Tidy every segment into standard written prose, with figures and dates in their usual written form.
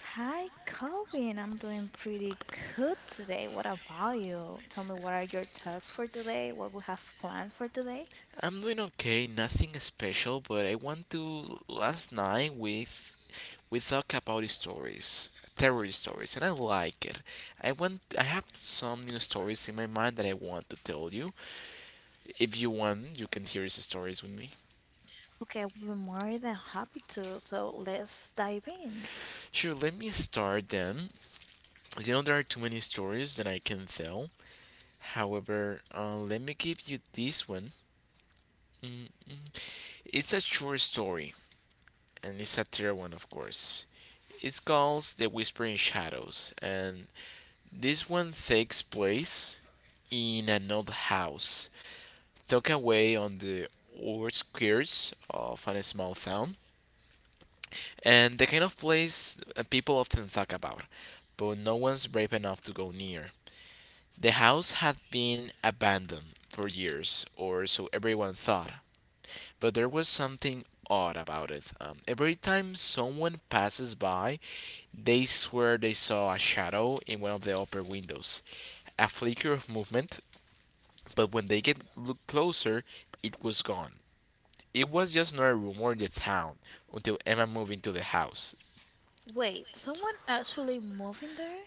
Hi, Colvin. I'm doing pretty good today. What about you? Tell me, what are your talks for today? What we have planned for today? Okay, we are more than happy to. So let's dive in. Wait, someone actually moving there?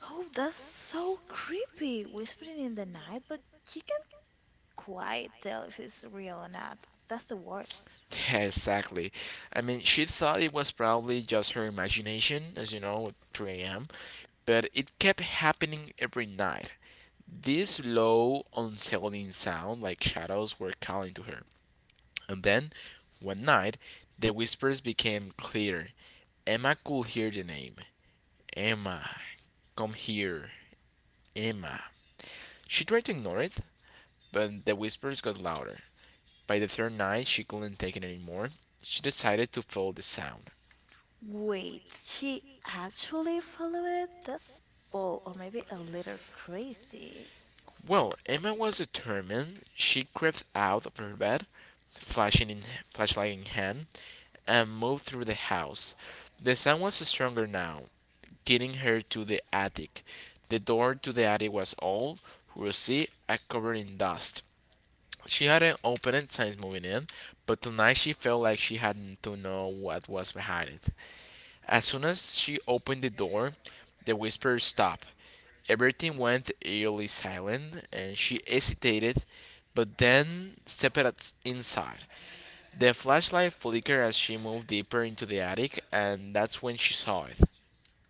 Oh, that's so creepy. Whispering in the night, but you can't quite tell if it's real or not. That's the worst. Wait, she actually followed it? That's bold, or maybe a little crazy.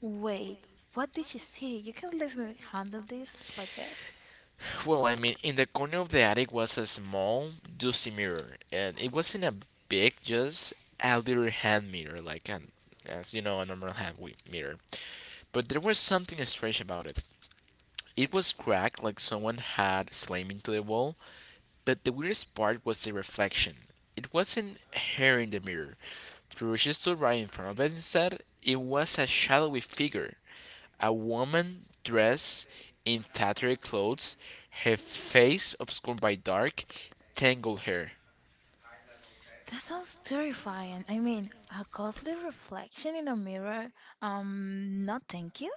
Wait, what did she see? You can leave me handle this like this. That sounds terrifying. I mean, a ghostly reflection in a mirror. No, thank you.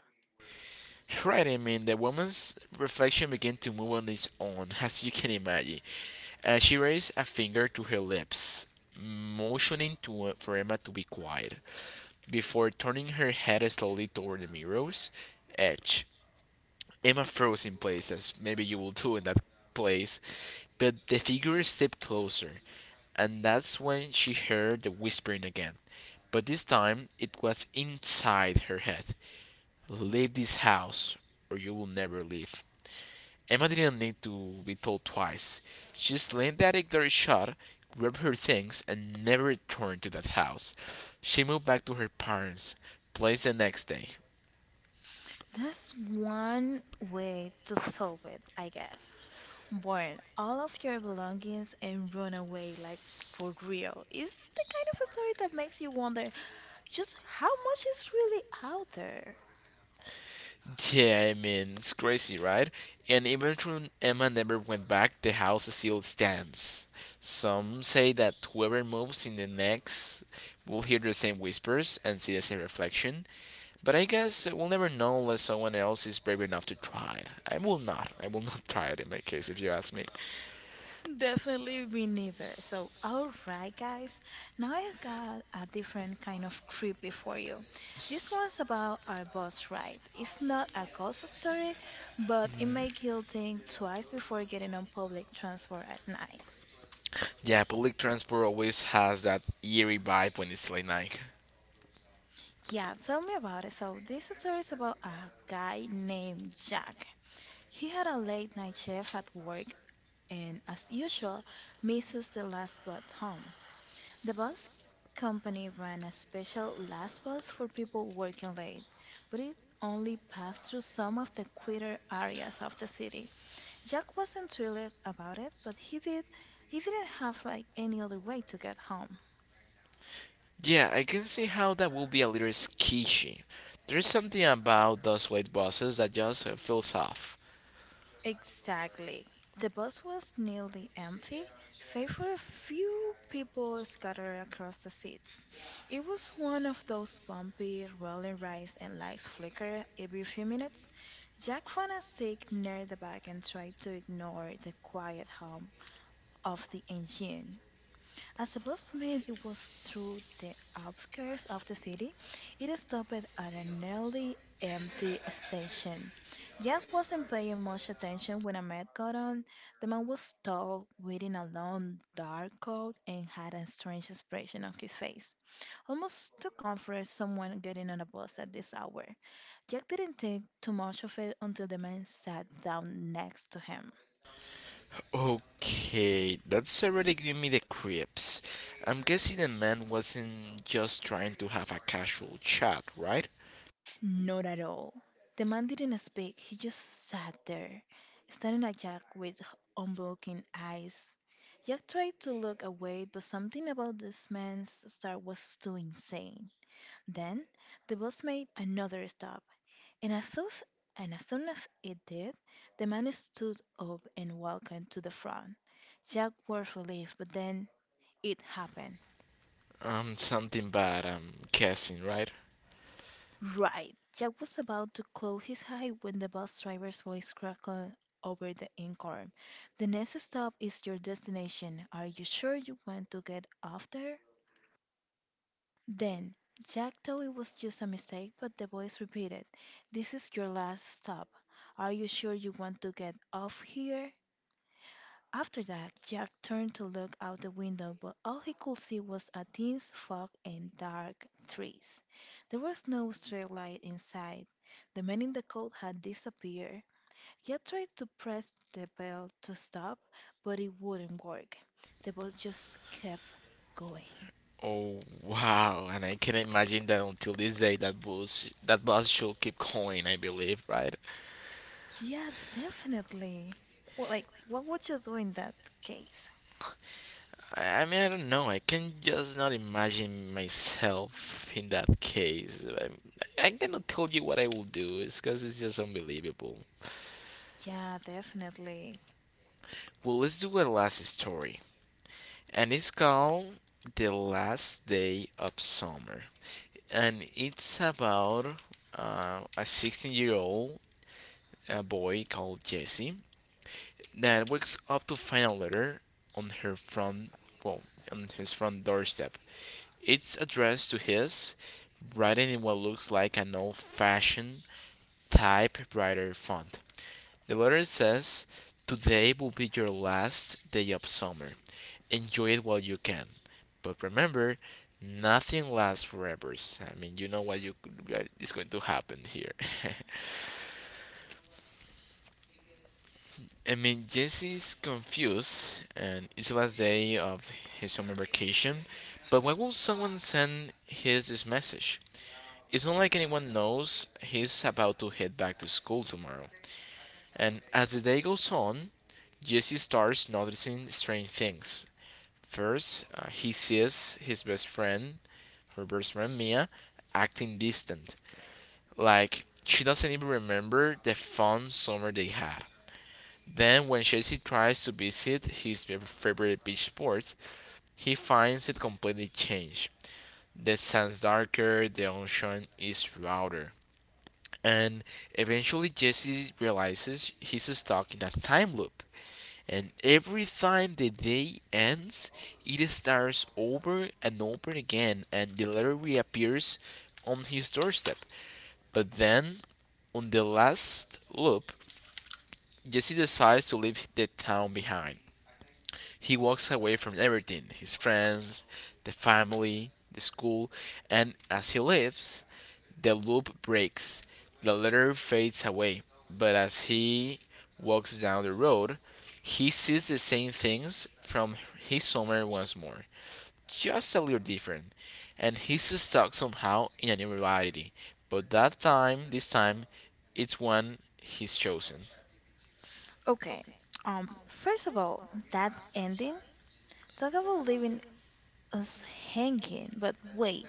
That's one way to solve it, I guess. Burn all of your belongings and run away, like for real. It's the kind of story that makes you wonder just how much is really out there. Definitely me neither. So, all right, guys, now I've got a different kind of creepy for you. This one's about our bus ride. It's not a ghost story, but it makes you think twice before getting on public transport at night. Yeah, tell me about it. So, this story is about a guy named Jack. He had a late night shift at work and, as usual, misses the last bus home. The bus company ran a special last bus for people working late, but it only passed through some of the quieter areas of the city. Jack wasn't thrilled about it, but he didn't have like any other way to get home. Exactly. The bus was nearly empty, save for a few people scattered across the seats. It was one of those bumpy, rolling rides and lights flicker every few minutes. Jack found a seat near the back and tried to ignore the quiet hum of the engine. As the bus made it was through the outskirts of the city, it stopped at a nearly empty station. Jack wasn't paying much attention when Ahmed got on. The man was tall, wearing a long, dark coat, and had a strange expression on his face. Almost too comfort someone getting on a bus at this hour. Jack didn't think too much of it until the man sat down next to him. Not at all. The man didn't speak, he just sat there, staring at Jack with unblinking eyes. Jack tried to look away, but something about this man's stare was too insane. Then the bus made another stop, and as soon as it did, the man stood up and walked to the front. Jack was relieved, but then it happened. Right. Jack was about to close his eye when the bus driver's voice crackled over the intercom. The next stop is your destination. Are you sure you want to get off there? Then, Jack thought it was just a mistake, but the voice repeated, this is your last stop. Are you sure you want to get off here? After that Jack turned to look out the window, but all he could see was a dense fog and dark trees. There was no street light in sight. The man in the coat had disappeared. Jack tried to press the bell to stop, but it wouldn't work. The bus just kept going. Yeah, definitely. Well, like, what would you do in that case? Yeah, definitely. Okay. First of all, that ending. Talk about living us hanging. But wait,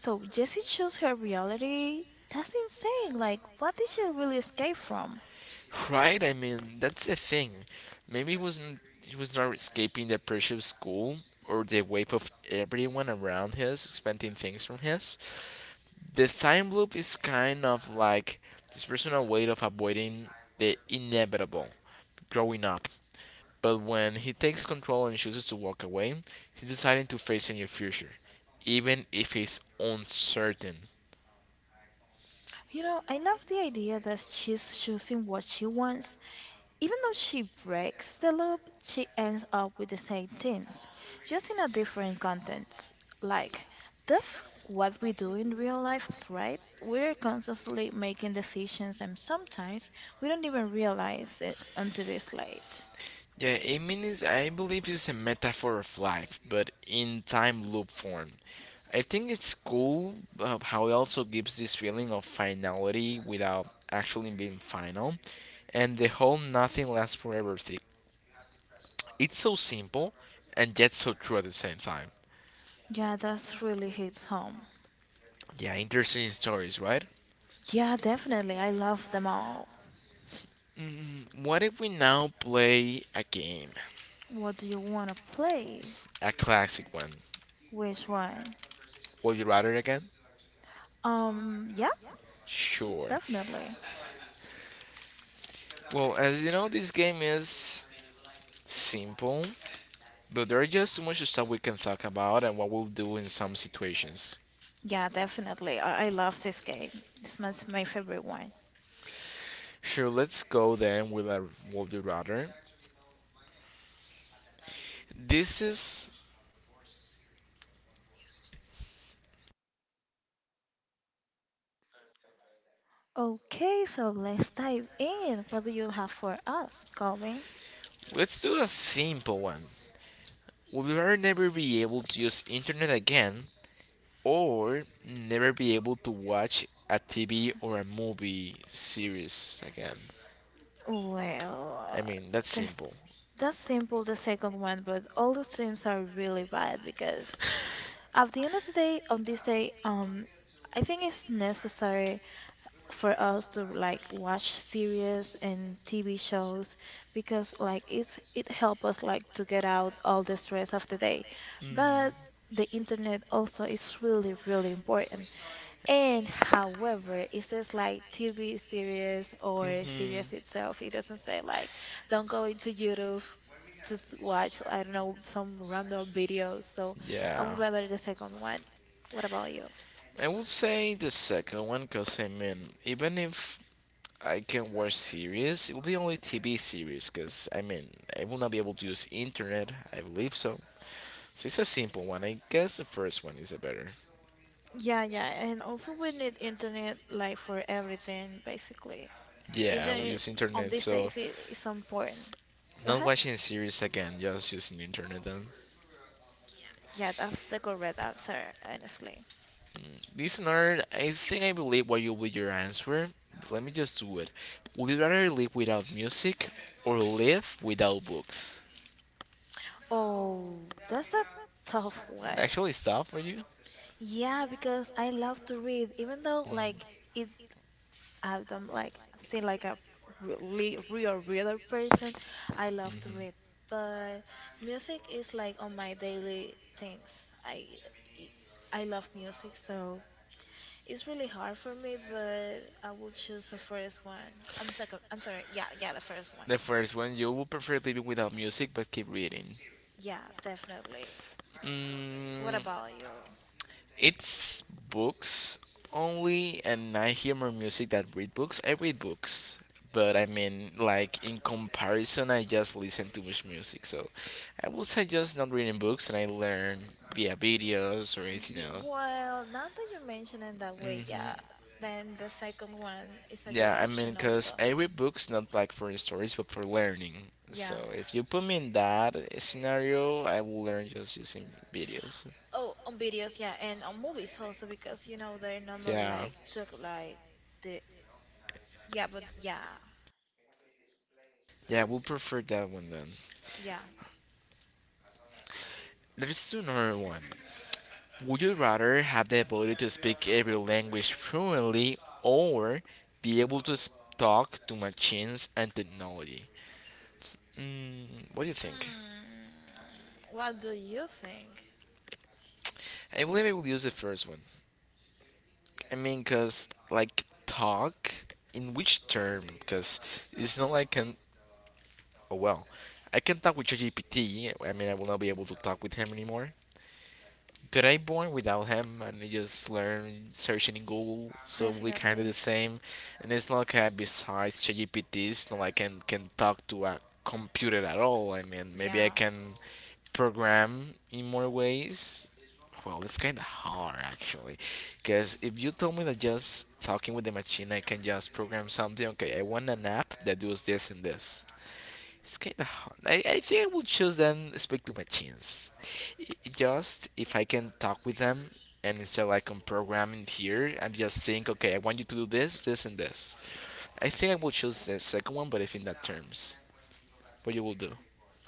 so Jessie chose her reality? That's insane. Like, what did she really escape from? You know, I love the idea that she's choosing what she wants. Even though she breaks the loop, she ends up with the same things, just in a different context. Like, that's what we do in real life, right? We're constantly making decisions, and sometimes we don't even realize it until it's late. Yeah, that's really hits home. Yeah, definitely. I love them all. What do you want to play? Which one? Yeah, definitely. Yeah, definitely. I love this game. This one's my favorite one. Okay, so let's dive in. What do you have for us, Colin? Well, that's that's simple, the second one, but all the streams are really bad because at the end of the day, on this day, I think it's necessary for us to like watch series and TV shows because like it help us like to get out all the stress of the day. But the internet also is really important. And however, it says like TV series or series itself. It doesn't say like don't go into YouTube to watch I don't know some random videos. So I would rather the second one. What about you? Yeah, yeah, and also we need internet like for everything basically. Internet on these days is so important. Go ahead. Yeah, that's the correct answer, honestly. Oh, that's a tough one. Yeah, because I love to read, even though like it I don't like seem like a really real reader person. I love to read, but music is like on my daily things. E, I love music, so it's really hard for me. But I will choose the first one. I'm second. I'm sorry. Yeah, yeah, the first one. Yeah, definitely. What about you? Ye Well, now that you mention it that way, yeah, then the second one is a good option also. Yeah. Oh, on videos, yeah, and on movies also because you know they normally like took like the yeah, but yeah, yeah. What do you think? Definitely, yeah.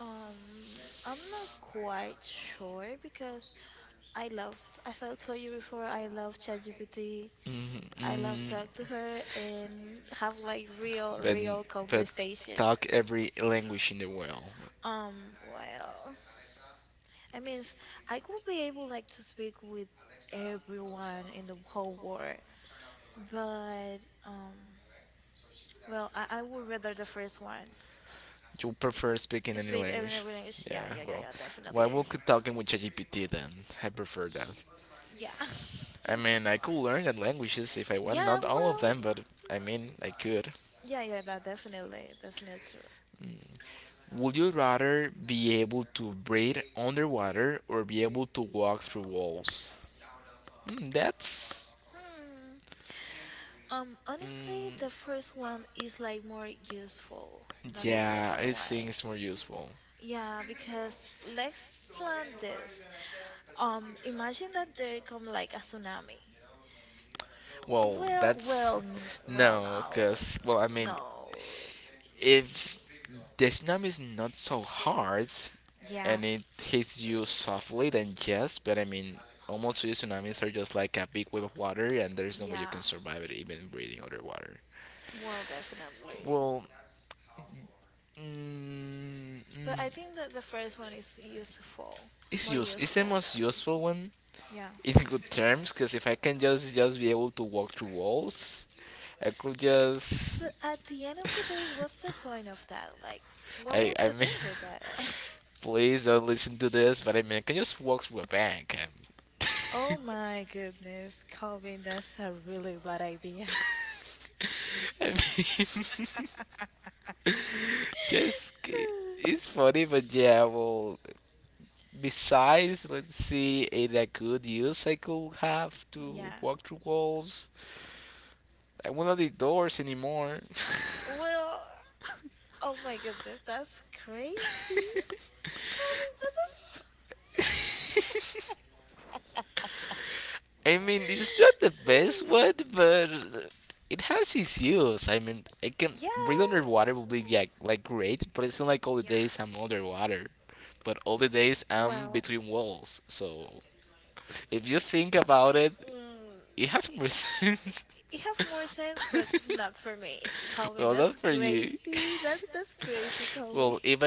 I'm not quite sure because I love, as I told you before, I love ChatGPT. I love talk to her and have like real, real conversations. Well, I mean, I could be able like to speak with everyone in the whole world, but um, well, I would rather the first one. Speak every language. Yeah, yeah, yeah, yeah, definitely. Yeah. Yeah, well, yeah, yeah, that definitely, definitely true. Hmm. Honestly, the first one is like more useful than the second one. Yeah, because let's plan this. Imagine that there come like a tsunami. Well, well, well, no. No. Yeah, yeah. Well, definitely. But I think that the first one is useful, more useful. Yeah. But at the end of the day, what's the point of that? Like, what would you do with that? Oh my goodness, Calvin, that's a really bad idea. Yeah. Well, oh my goodness, that's crazy. Colin, what the fuck? Yeah. Yeah. Well, mm, it, it it have more sense, but not for me. Calvin, that's crazy. That's crazy, Calvin.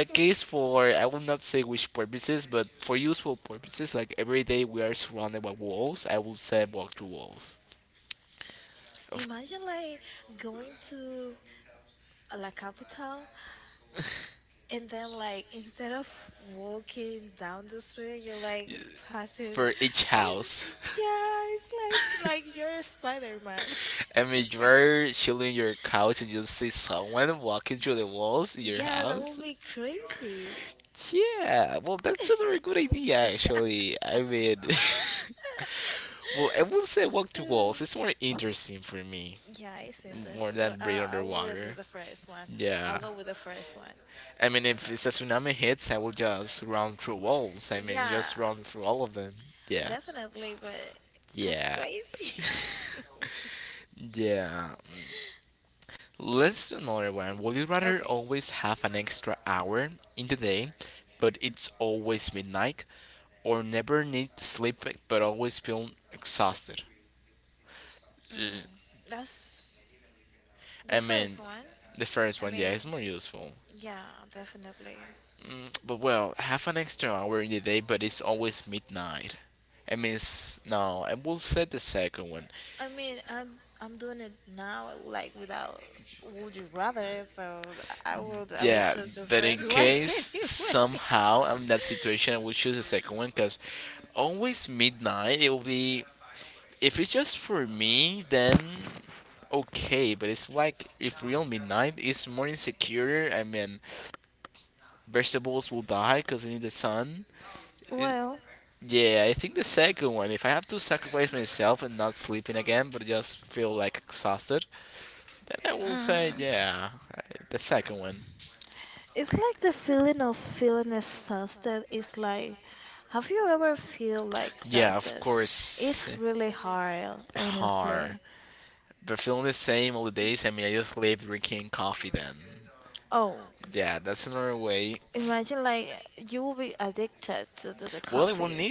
Imagine like going to La Capital, and then like instead of walking down the street, you're like passing. I was like, yeah, it's like you're a Spider-Man. Yeah, that would be crazy. Yeah. Uh, yeah, it's interesting, but I will read the first one. I'll go with the first one. Yeah. Definitely, but that's crazy. Okay. Mm, that's the first one. I mean, yeah, definitely. I mean, I'm doing it now, like without would you rather, so I would choose the first one anyway. Well, mm. It's like the feeling of feeling exhausted. It's like, have you ever feel like exhausted? It's really hard, honestly. Oh, imagine like you will be addicted to the coffee.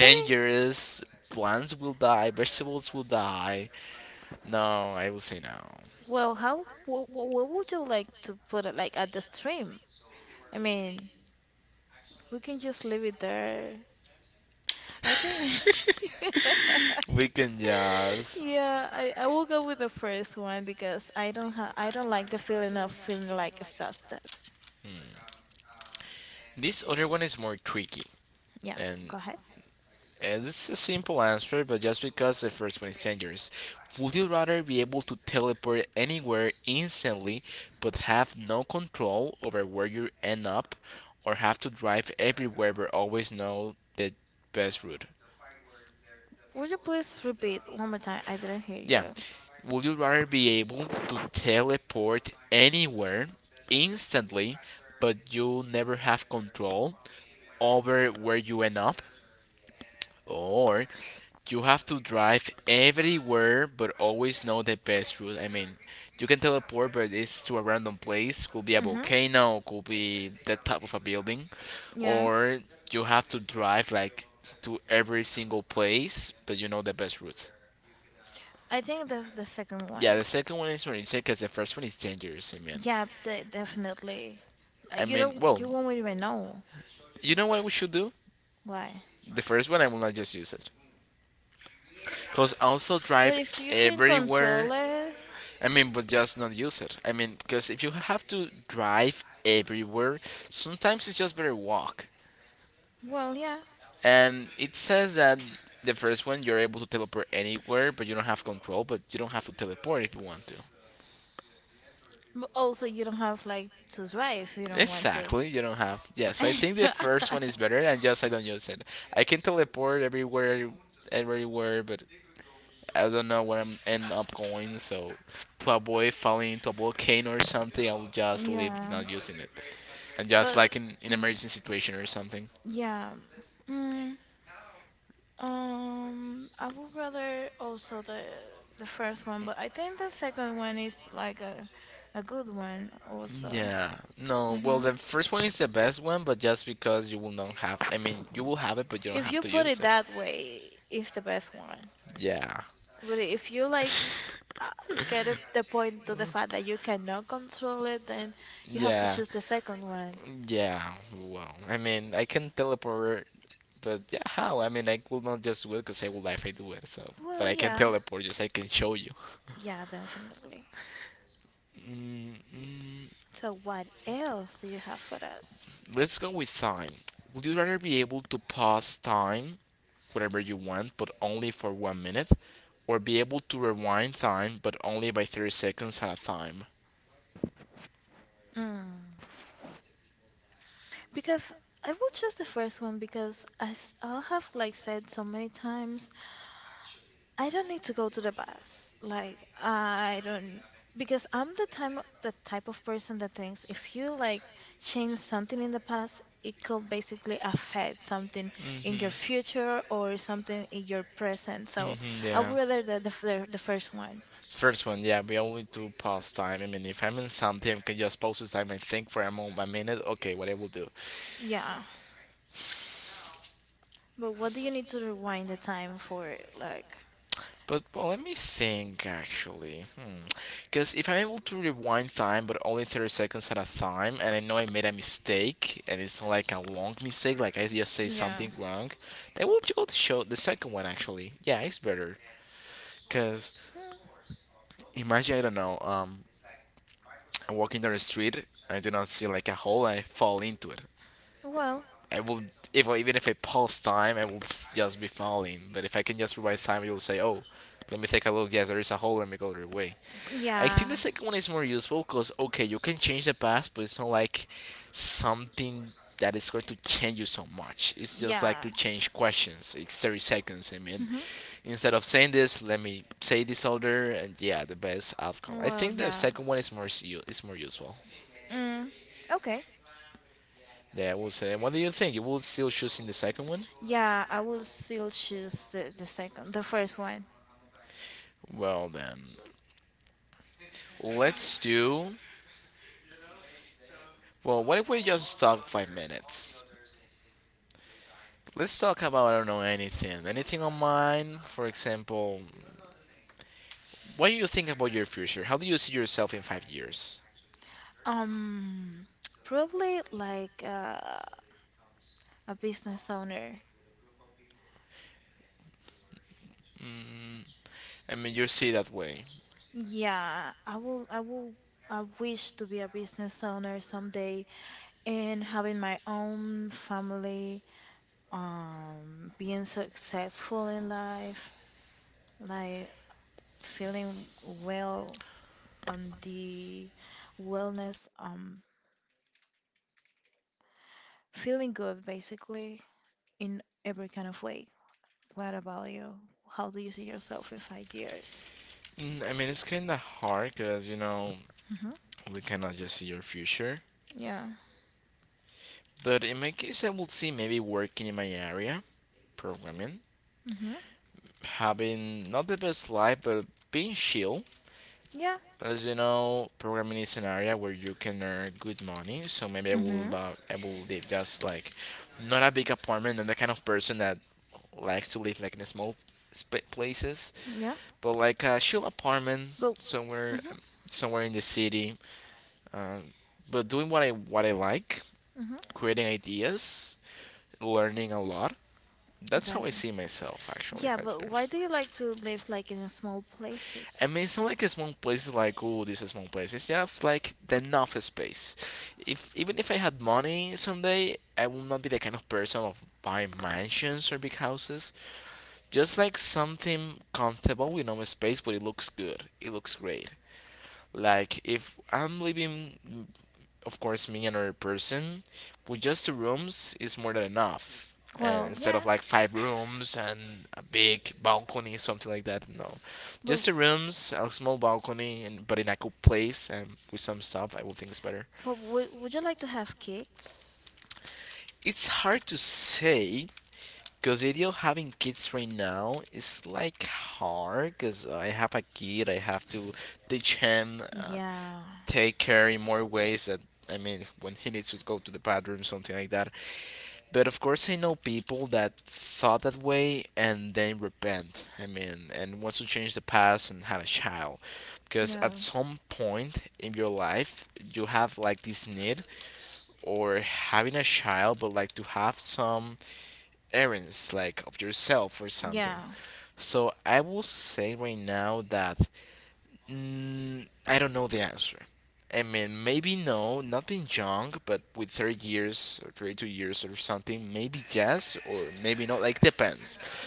I mean, well, how what would you like to put it like at the stream? I mean, we can just leave it there I think. Yeah, I will go with the first one because I don't like the feeling of feeling like exhausted. Yeah, go ahead. Would you please repeat one more time? I didn't hear you. Mm-hmm. Yeah. I think that's the second one. Yeah, de definitely. Like you won't even know why. But if you can control it, well, yeah. But also you don't have like to drive. You don't want to. Yeah, but mm, yeah, mm, I would rather also the first one, but I think the second one is like a good one also. Hmm. If you put it that way, it's the best one. But if you like uh, the point to the fact that you cannot control it, then you have to choose the second one. Well, yeah, yeah, definitely. So what else do you have for us? Mm. Because I will choose the first one because as I have like said so many times, I don't need to go to the bus. Like I don't because I'm the type of person that thinks if you like change something in the past, it could basically affect something in your future or something in your present. So I would rather the first one. Yeah. But what do you need to rewind the time for like yeah. Hmm. Well, yeah. Yeah. Hmm. Well, yeah. Mm, okay. Yeah, I will still choose the first one. Um, probably like a business owner. Yeah, I wish to be a business owner someday and having my own family, being successful in life, like feeling well on the wellness, feeling good basically in every kind of way. What about you? How do you see yourself in 5 years? Hmm. Yeah. Hmm. Yeah. Hmm. Yeah. But. Hmm. Hmm. Definitely. Yeah, but why do you like to live like in small places? Well, yeah. But would you like to have kids? Yeah. Yeah. Yeah.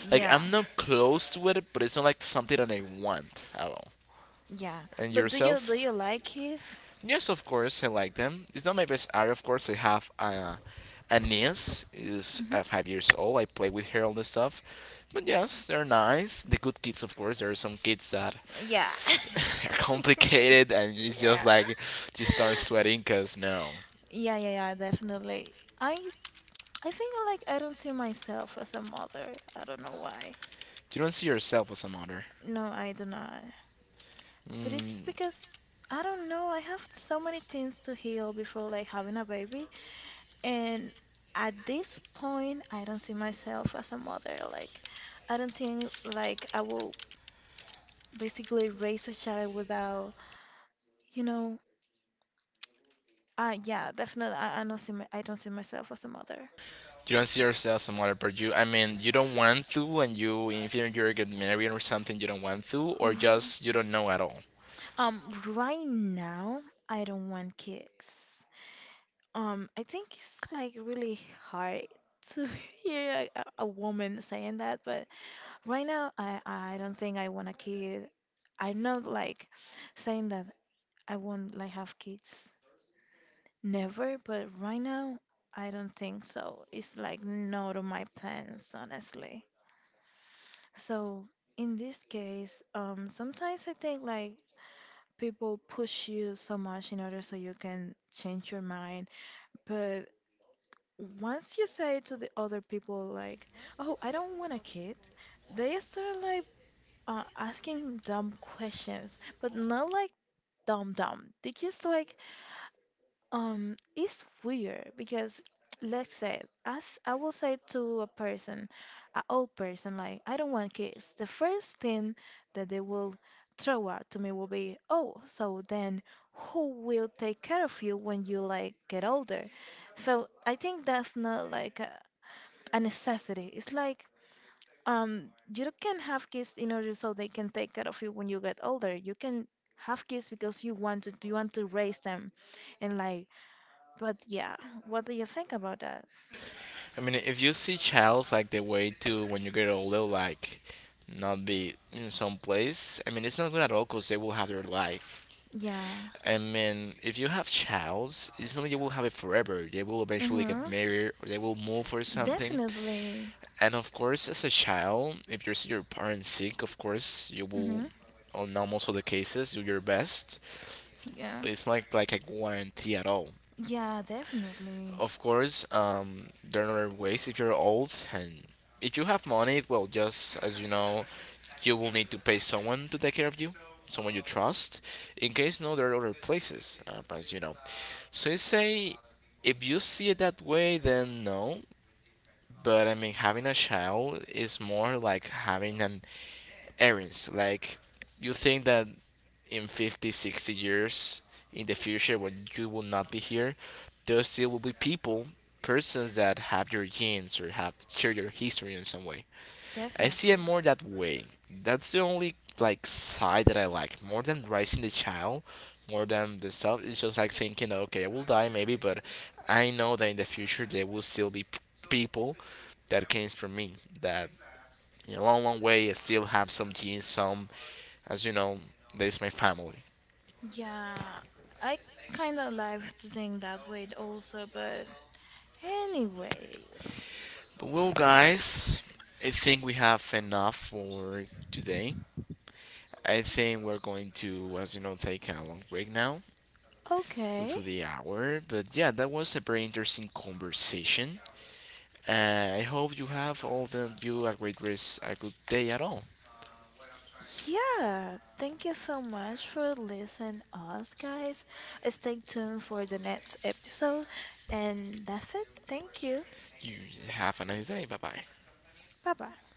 Yeah. Yeah. But do you like kids? Hmm. Yeah. Yeah. Yeah, yeah, yeah, definitely. I think like I don't see myself as a mother. I don't know why. No, I do not. But it's because I don't know. I have so many things to heal before like having a baby, and at this point, I don't see myself as a mother. Like, I don't think like I will basically raise a child without, you know, yeah, definitely. I don't see my, I don't see myself as a mother. Right now, I don't want kids. I think it's like really hard to hear a woman saying that, but right now, I don't think I want a kid. I'm not like saying that I won't like have kids. Never, but right now, I don't think so. It's like not on my plans, honestly. So in this case, sometimes I think like people push you so much in order so you can change your mind, but once you say to the other people like, "Oh, I don't want a kid," they start like asking dumb questions, but not like dumb. They just like it's weird because let's say as I will say to a person, an old person, like I don't want kids. The first thing that they will throw out to me will be, "Oh, so then who will take care of you when you like get older?" So I think that's not like a necessity. It's like you can have kids in order so they can take care of you when you get older. You can have kids because you want to raise them and like but yeah, what do you think about that? I mean, if you see childs like the way to when you get older, like not be in some place, I mean, it's not good at all because they will have their life. Yeah. I mean, if you have childs, it's not like you will have it forever. They will eventually get Mm-hmm. married or they will move or something. Definitely. And of course, as a child, if you see your parents sick, of course, you will, Mm-hmm. on almost all the cases, do your best. Yeah. But it's not like a guarantee at all. Yeah, definitely. Of course, there are other ways if you're old, and if you have money, well, just as you know, you will need to pay someone to take care of you, someone you trust. In case no, there are other places, as you know. So you say, if you see it that way, then no. But I mean, having a child is more like having an errands. Like you think that in 50, 60 years in the future when you will not be here, there still will be people, persons that have your genes or have share your history in some way. I see it Definitely. more that way. That's the only like side that I like more than raising the child, more than the stuff. It's just like thinking, okay, I will die maybe, but I know that in the future there will still be people that came from me that in a long, long way I still have some genes, some, as you know, there's my family. Yeah. I kind of like to think that way also, but anyways. Well, guys, I think we have enough for today. I think we're going to, as you know, take a long break now due Okay. to the hour. But yeah, that was a very interesting conversation. I hope you have all of you a great rest, a good day at all. Yeah. Thank you so much for listening us, guys. Stay tuned for the next episode. And that's it. Thank you. You have a nice day. Bye bye. Bye-bye.